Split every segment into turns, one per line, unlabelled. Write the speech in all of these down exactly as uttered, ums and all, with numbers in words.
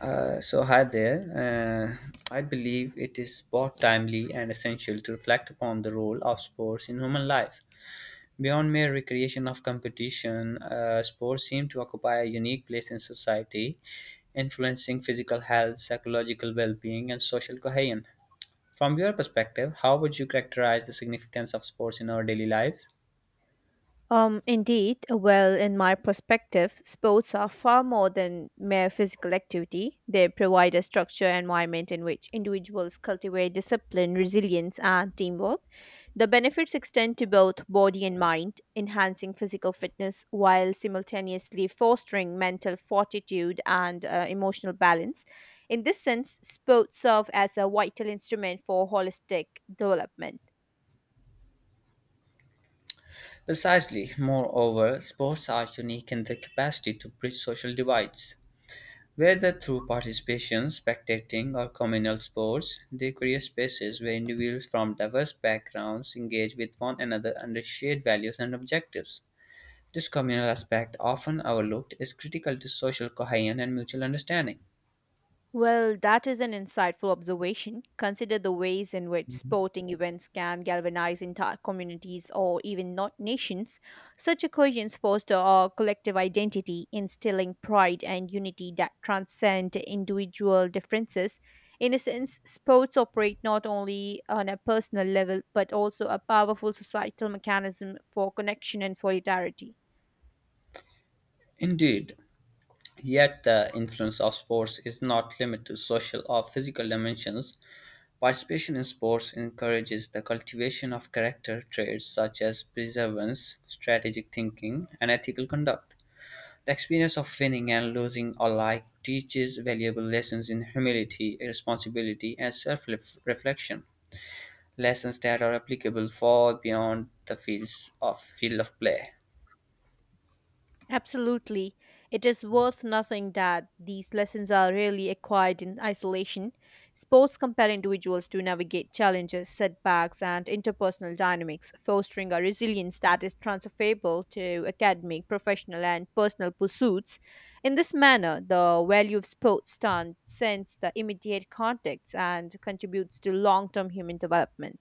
Uh, so, hi there. Uh, I believe it is both timely and essential to reflect upon the role of sports in human life. Beyond mere recreation of competition, uh, sports seem to occupy a unique place in society, influencing physical health, psychological well being, and social cohesion. From your perspective, how would you characterize the significance of sports in our daily lives?
Um, indeed, well, in my perspective, sports are far more than mere physical activity. They provide a structure and environment in which individuals cultivate discipline, resilience, and teamwork. The benefits extend to both body and mind, enhancing physical fitness while simultaneously fostering mental fortitude and uh, emotional balance. In this sense, sports serve as a vital instrument for holistic development.
Precisely. Moreover, sports are unique in their capacity to bridge social divides. Whether through participation, spectating, or communal sports, they create spaces where individuals from diverse backgrounds engage with one another under shared values and objectives. This communal aspect, often overlooked, is critical to social cohesion and mutual understanding.
Well, that is an insightful observation. Consider the ways in which sporting events can galvanize entire communities or even not nations. Such occasions foster our collective identity, instilling pride and unity that transcend individual differences. In a sense, sports operate not only on a personal level but also a powerful societal mechanism for connection and solidarity.
Indeed, yet the influence of sports is not limited to social or physical dimensions. Participation in sports encourages the cultivation of character traits such as perseverance, strategic thinking, and ethical conduct. The experience of winning and losing alike teaches valuable lessons in humility, responsibility, and self reflection. Lessons that are applicable far beyond the fields of field of play.
Absolutely. It is worth nothing that these lessons are rarely acquired in isolation. Sports compel individuals to navigate challenges, setbacks, and interpersonal dynamics, fostering a resilience that is transferable to academic, professional, and personal pursuits. In this manner, the value of sports transcends the immediate context and contributes to long term human development.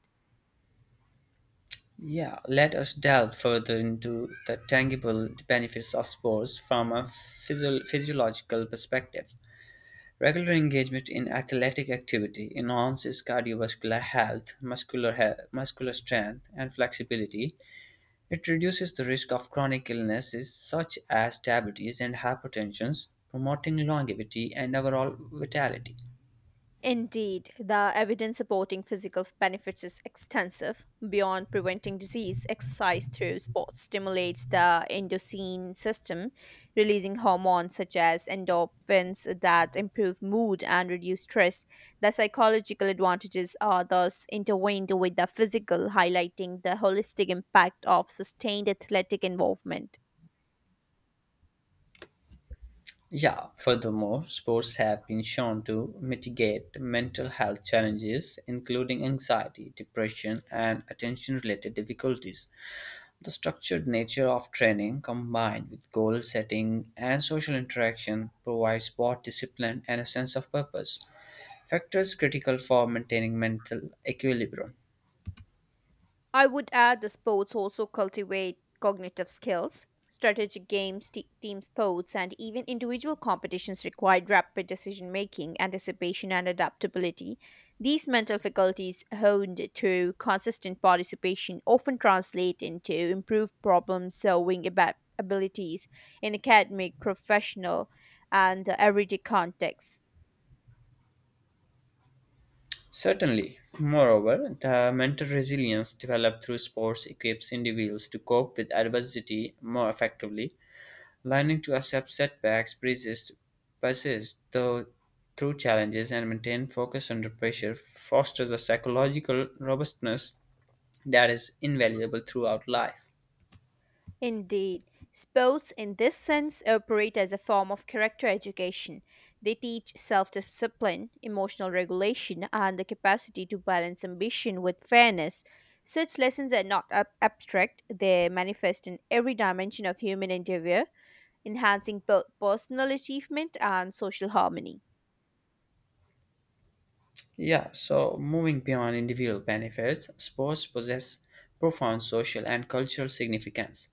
Yeah, let us delve further into the tangible benefits of sports from a physio- physiological perspective. Regular engagement in athletic activity enhances cardiovascular health, muscular, he- muscular strength, and flexibility. It reduces the risk of chronic illnesses such as diabetes and hypertension, promoting longevity and overall vitality.
Indeed, the evidence supporting physical benefits is extensive. Beyond preventing disease, exercise through sports stimulates the endocene system, releasing hormones such as endorphins that improve mood and reduce stress. The psychological advantages are thus intertwined with the physical, highlighting the holistic impact of sustained athletic involvement.
Yeah, furthermore, sports have been shown to mitigate mental health challenges, including anxiety, depression, and attention related difficulties. The structured nature of training, combined with goal setting and social interaction, provides both discipline and a sense of purpose, factors critical for maintaining mental equilibrium.
I would add the sports also cultivate cognitive skills. Strategic games, te- team sports, and even individual competitions require rapid decision making, anticipation, and adaptability. These mental faculties honed through consistent participation often translate into improved problem solving aba- abilities in academic, professional, and uh, everyday contexts.
Certainly. Moreover, the mental resilience developed through sports equips individuals to cope with adversity more effectively. Learning to accept setbacks, persist, persist though, through challenges, and maintain focus under pressure fosters a psychological robustness that is invaluable throughout life.
Indeed, sports in this sense operate as a form of character education. They teach self discipline, emotional regulation, and the capacity to balance ambition with fairness. Such lessons are not ab- abstract, they manifest in every dimension of human endeavor, enhancing both personal achievement and social harmony.
Yeah, so moving beyond individual benefits, sports possess profound social and cultural significance.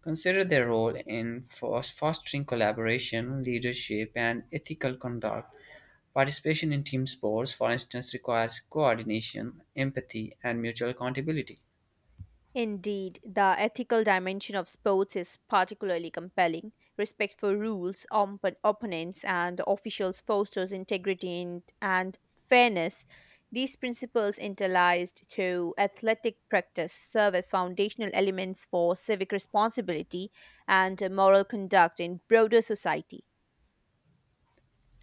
Consider their role in fos- fostering collaboration, leadership, and ethical conduct. Participation in team sports, for instance, requires coordination, empathy, and mutual accountability.
Indeed, the ethical dimension of sports is particularly compelling. Respect for rules, op- opponents, and officials fosters integrity and, and fairness. These principles, interlaced through athletic practice, serve as foundational elements for civic responsibility and moral conduct in broader society.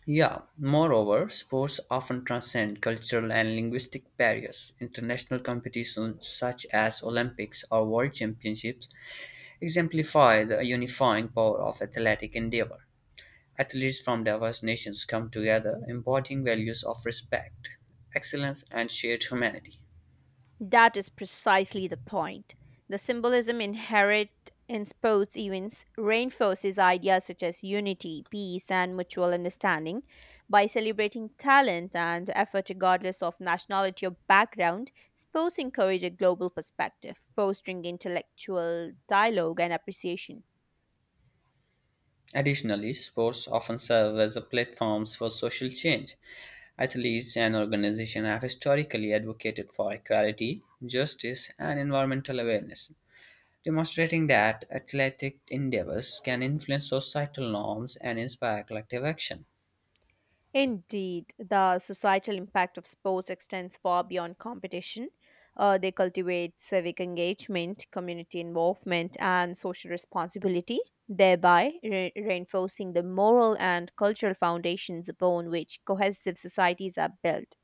Yeah, moreover, sports often transcend cultural and linguistic barriers. International competitions such as Olympics or World Championships exemplify the unifying power of athletic endeavor. Athletes from diverse nations come together, embodying values of respect, excellence, and shared humanity.
That is precisely the point. The symbolism inherent in sports events reinforces ideas such as unity, peace, and mutual understanding. By celebrating talent and effort regardless of nationality or background, sports encourage a global perspective, fostering intellectual dialogue and appreciation.
Additionally, sports often serve as a platforms for social change. Athletes and organizations have historically advocated for equality, justice, and environmental awareness, demonstrating that athletic endeavors can influence societal norms and inspire collective action.
Indeed, the societal impact of sports extends far beyond competition. Uh, they cultivate civic engagement, community involvement, and social responsibility, thereby re- reinforcing the moral and cultural foundations upon which cohesive societies are built.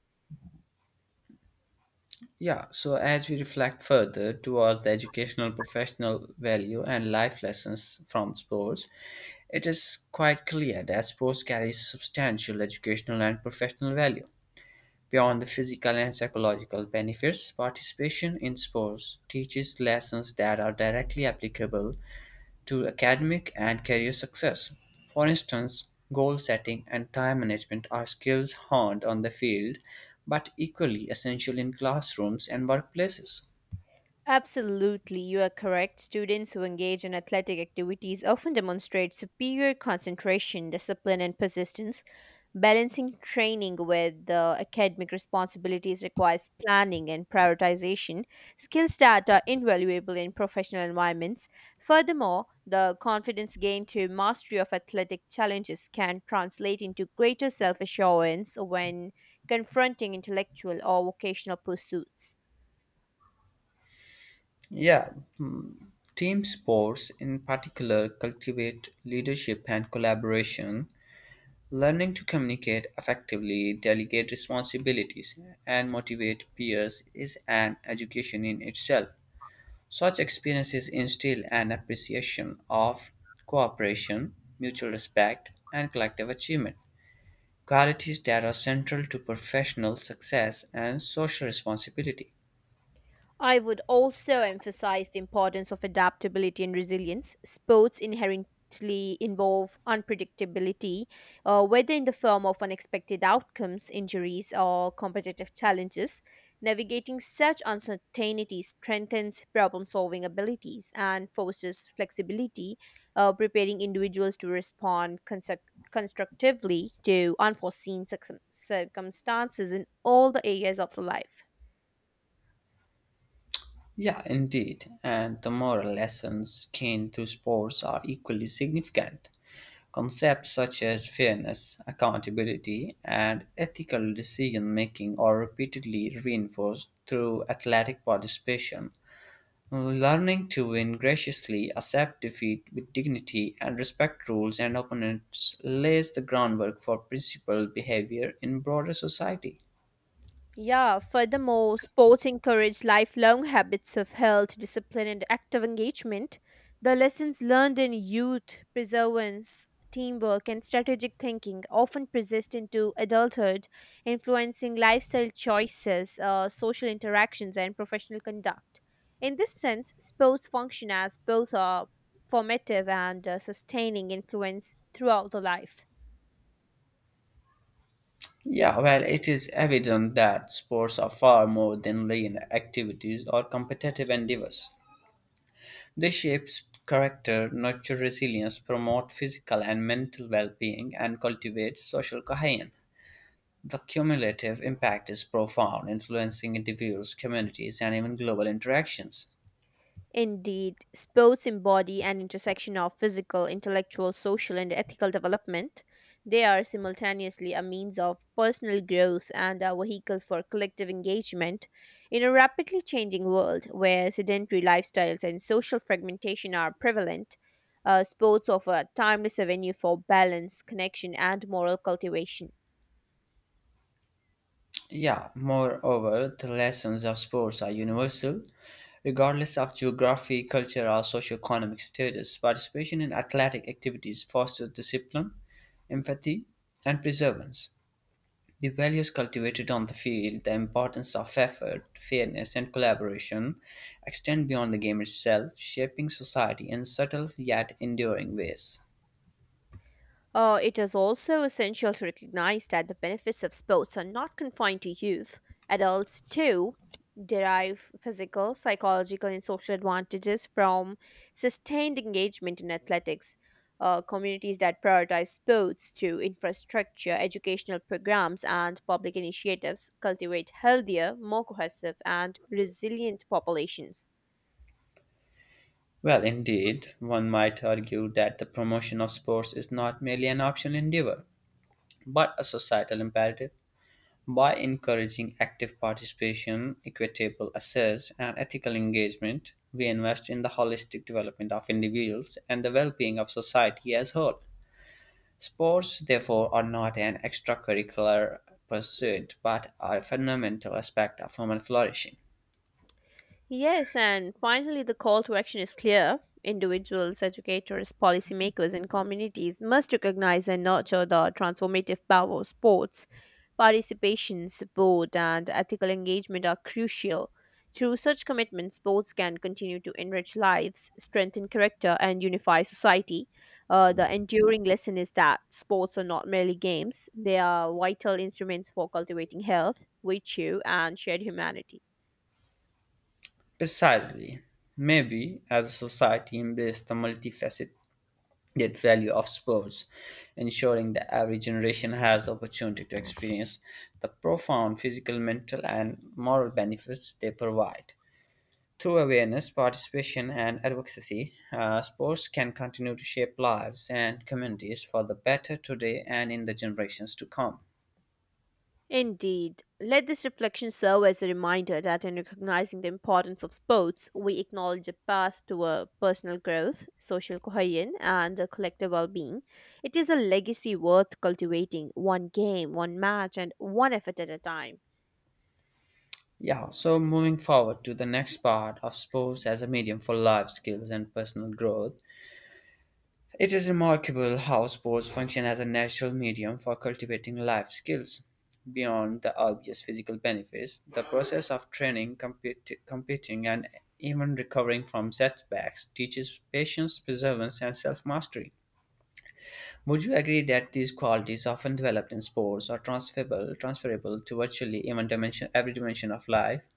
Yeah, so as we reflect further towards the educational, professional value, and life lessons from sports, it is quite clear that sports carries substantial educational and professional value. Beyond the physical and psychological benefits, participation in sports teaches lessons that are directly applicable to academic and career success. For instance, goal setting and time management are skills honed on the field but equally essential in classrooms and workplaces.
Absolutely, you are correct. Students who engage in athletic activities often demonstrate superior concentration, discipline, and persistence. Balancing training with the academic responsibilities requires planning and prioritization, skills that are invaluable in professional environments. Furthermore, the confidence gained through mastery of athletic challenges can translate into greater self assurance when confronting intellectual or vocational pursuits.
Yeah, mm, team sports in particular cultivate leadership and collaboration. Learning to communicate effectively, delegate responsibilities, and motivate peers is an education in itself. Such experiences instill an appreciation of cooperation, mutual respect, and collective achievement, qualities that are central to professional success and social responsibility.
I would also emphasize the importance of adaptability and resilience. Sports inherently involve unpredictability, uh, whether in the form of unexpected outcomes, injuries, or competitive challenges. Navigating such uncertainty strengthens problem solving abilities and fosters flexibility, uh, preparing individuals to respond construct- constructively to unforeseen circum- circumstances in all the areas of life.
Yeah, indeed. And the moral lessons gained through sports are equally significant. Concepts such as fairness, accountability, and ethical decision making are repeatedly reinforced through athletic participation. Learning to win graciously, accept defeat with dignity, and respect rules and opponents lays the groundwork for principled behavior in broader society.
Yeah, furthermore, sports encourage lifelong habits of health, discipline, and active engagement. The lessons learned in youth, perseverance, teamwork, and strategic thinking often persist into adulthood, influencing lifestyle choices, uh, social interactions, and professional conduct. In this sense, sports function as both a formative and uh, sustaining influence throughout the life.
Yeah, well, it is evident that sports are far more than lean activities or competitive endeavors. They shape character, nurture resilience, promote physical and mental well being, and cultivate social cohesion. The cumulative impact is profound, influencing individuals, communities, and even global interactions.
Indeed, sports embody an intersection of physical, intellectual, social, and ethical development. They are simultaneously a means of personal growth and a vehicle for collective engagement in a rapidly changing world where sedentary lifestyles and social fragmentation are prevalent. Uh, sports offer a timeless avenue for balance, connection, and moral cultivation.
Yeah, moreover, the lessons of sports are universal. Regardless of geography, culture, or socioeconomic status, participation in athletic activities fosters discipline, empathy, and perseverance. The values cultivated on the field, the importance of effort, fairness, and collaboration, extend beyond the game itself, shaping society in subtle yet enduring ways.
Uh, it is also essential to recognize that the benefits of sports are not confined to youth. Adults, too, derive physical, psychological, and social advantages from sustained engagement in athletics. Uh, communities that prioritize sports through infrastructure, educational programs, and public initiatives cultivate healthier, more cohesive, and resilient populations.
Well, indeed, one might argue that the promotion of sports is not merely an optional endeavor, but a societal imperative. By encouraging active participation, equitable access, and ethical engagement, we invest in the holistic development of individuals and the well being of society as a whole. Sports, therefore, are not an extracurricular pursuit but are a fundamental aspect of human flourishing.
Yes, and finally, the call to action is clear. Individuals, educators, policymakers, and communities must recognize and nurture the transformative power of sports. Participation, support, and ethical engagement are crucial. Through such commitment, sports can continue to enrich lives, strengthen character, and unify society. Uh, the enduring lesson is that sports are not merely games, they are vital instruments for cultivating health, virtue, and shared humanity.
Precisely. Maybe as a society embraces the multifaceted that value of sports, ensuring that every generation has the opportunity to experience the profound physical, mental, and moral benefits they provide. Through awareness, participation, and advocacy, uh, sports can continue to shape lives and communities for the better today and in the generations to come.
Indeed. Let this reflection serve as a reminder that in recognizing the importance of sports, we acknowledge a path toward personal growth, social cohesion, and a collective well being. It is a legacy worth cultivating, one game, one match, and one effort at a time.
Yeah, so moving forward to the next part of sports as a medium for life skills and personal growth, it is remarkable how sports function as a natural medium for cultivating life skills. Beyond the obvious physical benefits, the process of training, competi- competing, and even recovering from setbacks teaches patience, perseverance, and self mastery. Would you agree that these qualities often developed in sports are transferable, transferable to virtually even dimension, every dimension of life?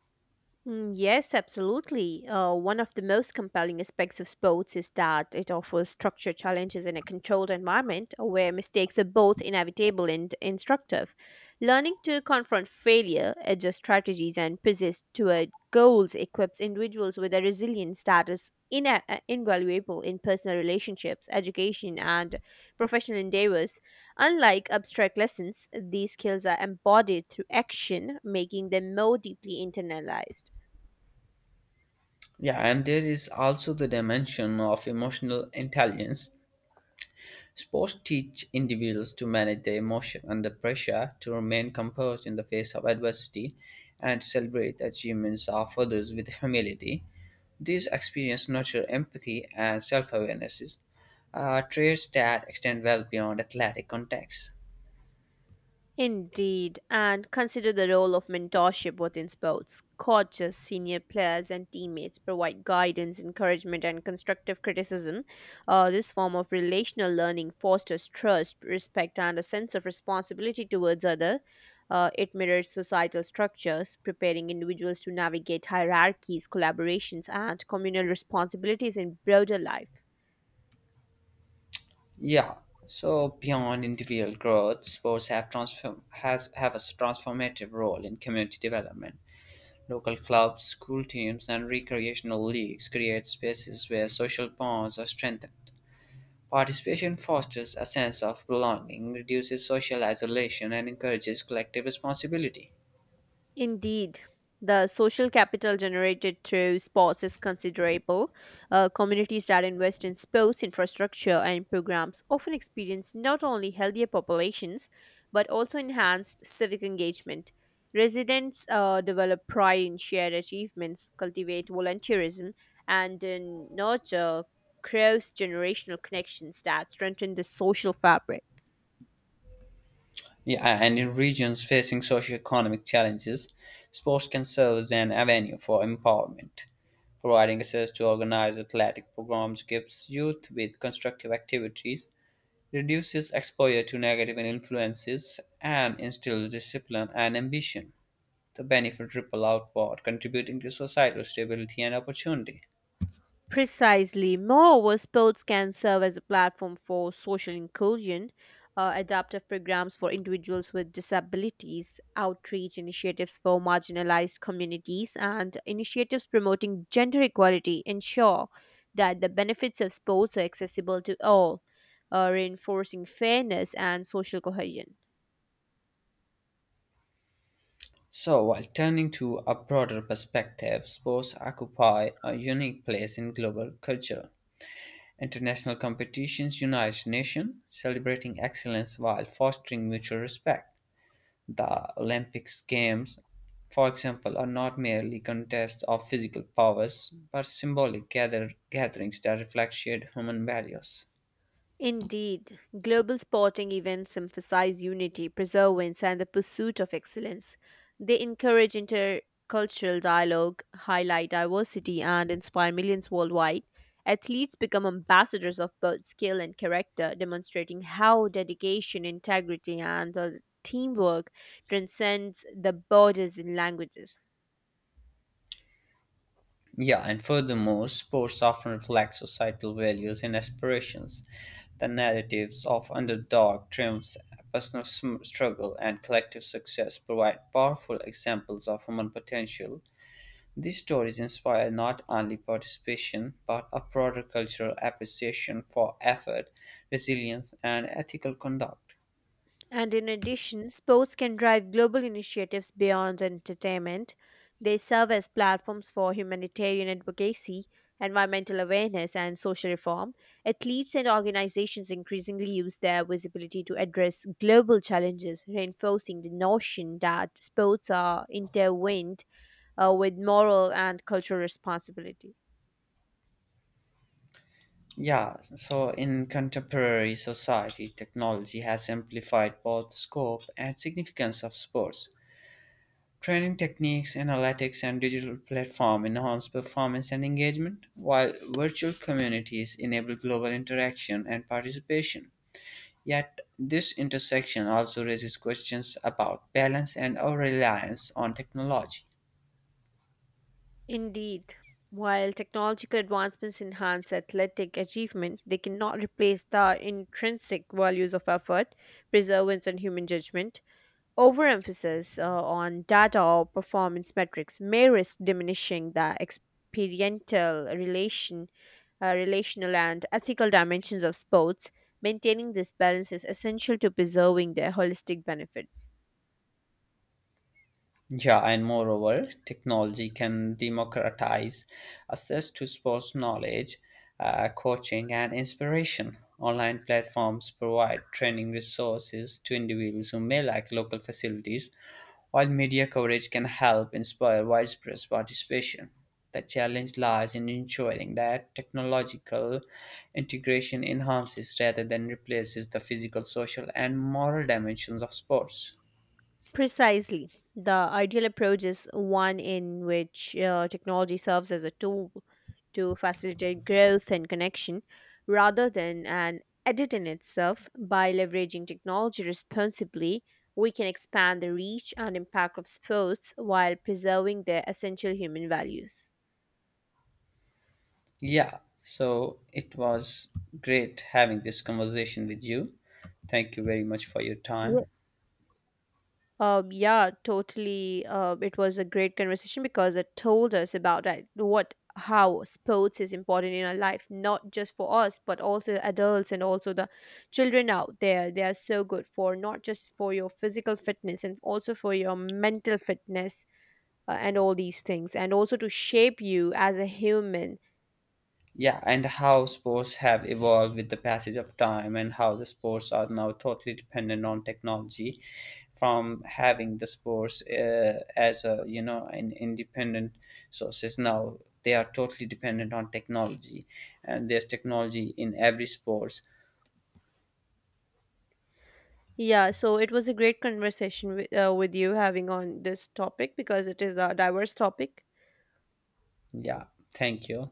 Mm, yes, absolutely. Uh, one of the most compelling aspects of sports is that it offers structured challenges in a controlled environment where mistakes are both inevitable and instructive. Learning to confront failure, adjust strategies, and persist toward goals equips individuals with a resilience that is ina- uh, invaluable in personal relationships, education, and professional endeavors. Unlike abstract lessons, these skills are embodied through action, making them more deeply internalized.
Yeah, and there is also the dimension of emotional intelligence. Sports teach individuals to manage their emotion under pressure, to remain composed in the face of adversity, and to celebrate the achievements of others with humility. These experiences nurture empathy and self awareness, uh, traits that extend well beyond athletic contexts.
Indeed, and consider the role of mentorship within sports. Coaches, senior players, and teammates provide guidance, encouragement, and constructive criticism. Uh, this form of relational learning fosters trust, respect, and a sense of responsibility towards others. Uh, it mirrors societal structures, preparing individuals to navigate hierarchies, collaborations, and communal responsibilities in broader life.
Yeah. So beyond individual growth, sports have transform has have a transformative role in community development. Local clubs, school teams, and recreational leagues create spaces where social bonds are strengthened. Participation fosters a sense of belonging, reduces social isolation, and encourages collective responsibility.
Indeed, the social capital generated through sports is considerable. Uh, communities that invest in sports infrastructure and programs often experience not only healthier populations but also enhanced civic engagement. Residents uh, develop pride in shared achievements, cultivate volunteerism, and uh, nurture cross generational connections that strengthen the social fabric.
Yeah, and in regions facing socioeconomic challenges, sports can serve as an avenue for empowerment. Providing access to organized athletic programs gives youth with constructive activities, reduces exposure to negative influences, and instills discipline and ambition. The benefits ripple outward, contributing to societal stability and opportunity.
Precisely. Moreover, sports can serve as a platform for social inclusion, uh, adaptive programs for individuals with disabilities, outreach initiatives for marginalized communities, and initiatives promoting gender equality ensure that the benefits of sports are accessible to all, uh, reinforcing fairness and social cohesion.
So, while turning to a broader perspective, sports occupy a unique place in global culture. International competitions unite nations, celebrating excellence while fostering mutual respect. The Olympics Games, for example, are not merely contests of physical powers, but symbolic gather- gatherings that reflect shared human values.
Indeed, global sporting events emphasize unity, perseverance, and the pursuit of excellence. They encourage intercultural dialogue, highlight diversity, and inspire millions worldwide. Athletes become ambassadors of both skill and character, demonstrating how dedication, integrity, and uh, teamwork transcends the borders and languages.
Yeah, and furthermore, sports often reflect societal values and aspirations. The narratives of underdog triumphs, personal sm- struggle, and collective success provide powerful examples of human potential. These stories inspire not only participation but a broader cultural appreciation for effort, resilience, and ethical conduct.
And in addition, sports can drive global initiatives beyond entertainment. They serve as platforms for humanitarian advocacy, environmental awareness, and social reform. Athletes and organizations increasingly use their visibility to address global challenges, reinforcing the notion that sports are intertwined uh, with moral and cultural responsibility.
Yeah, so in contemporary society, technology has amplified both the scope and significance of sports. Training techniques, analytics, and digital platform enhance performance and engagement, while virtual communities enable global interaction and participation. Yet, this intersection also raises questions about balance and our reliance on technology.
Indeed. While technological advancements enhance athletic achievement, they cannot replace the intrinsic values of effort, perseverance, and human judgment. Overemphasis uh, on data or performance metrics may risk diminishing the experiential relation, uh, relational, and ethical dimensions of sports. Maintaining this balance is essential to preserving their holistic benefits.
Yeah, and moreover, technology can democratize access to sports knowledge, uh, coaching, and inspiration. Online platforms provide training resources to individuals who may lack local facilities, while media coverage can help inspire widespread participation. The challenge lies in ensuring that technological integration enhances rather than replaces the physical, social, and moral dimensions of sports.
Precisely. The ideal approach is one in which uh, technology serves as a tool to facilitate growth and connection rather than an edit in itself. By leveraging technology responsibly, we can expand the reach and impact of sports while preserving their essential human values.
Yeah, so it was great having this conversation with you. Thank you very much for your
Yeah.
time.
Um, yeah, totally. Uh, it was a great conversation because it told us about that, what how sports is important in our life, not just for us, but also adults and also the children out there. They are so good for not just for your physical fitness and also for your mental fitness uh, and all these things, and also to shape you as a human.
Yeah, and how sports have evolved with the passage of time, and how the sports are now totally dependent on technology. From having the sports uh, as a you know an independent sources now they are totally dependent on technology, and there's technology in every sports.
Yeah, so it was a great conversation with, uh, with you having on this topic because it is a diverse topic.
Yeah, thank you.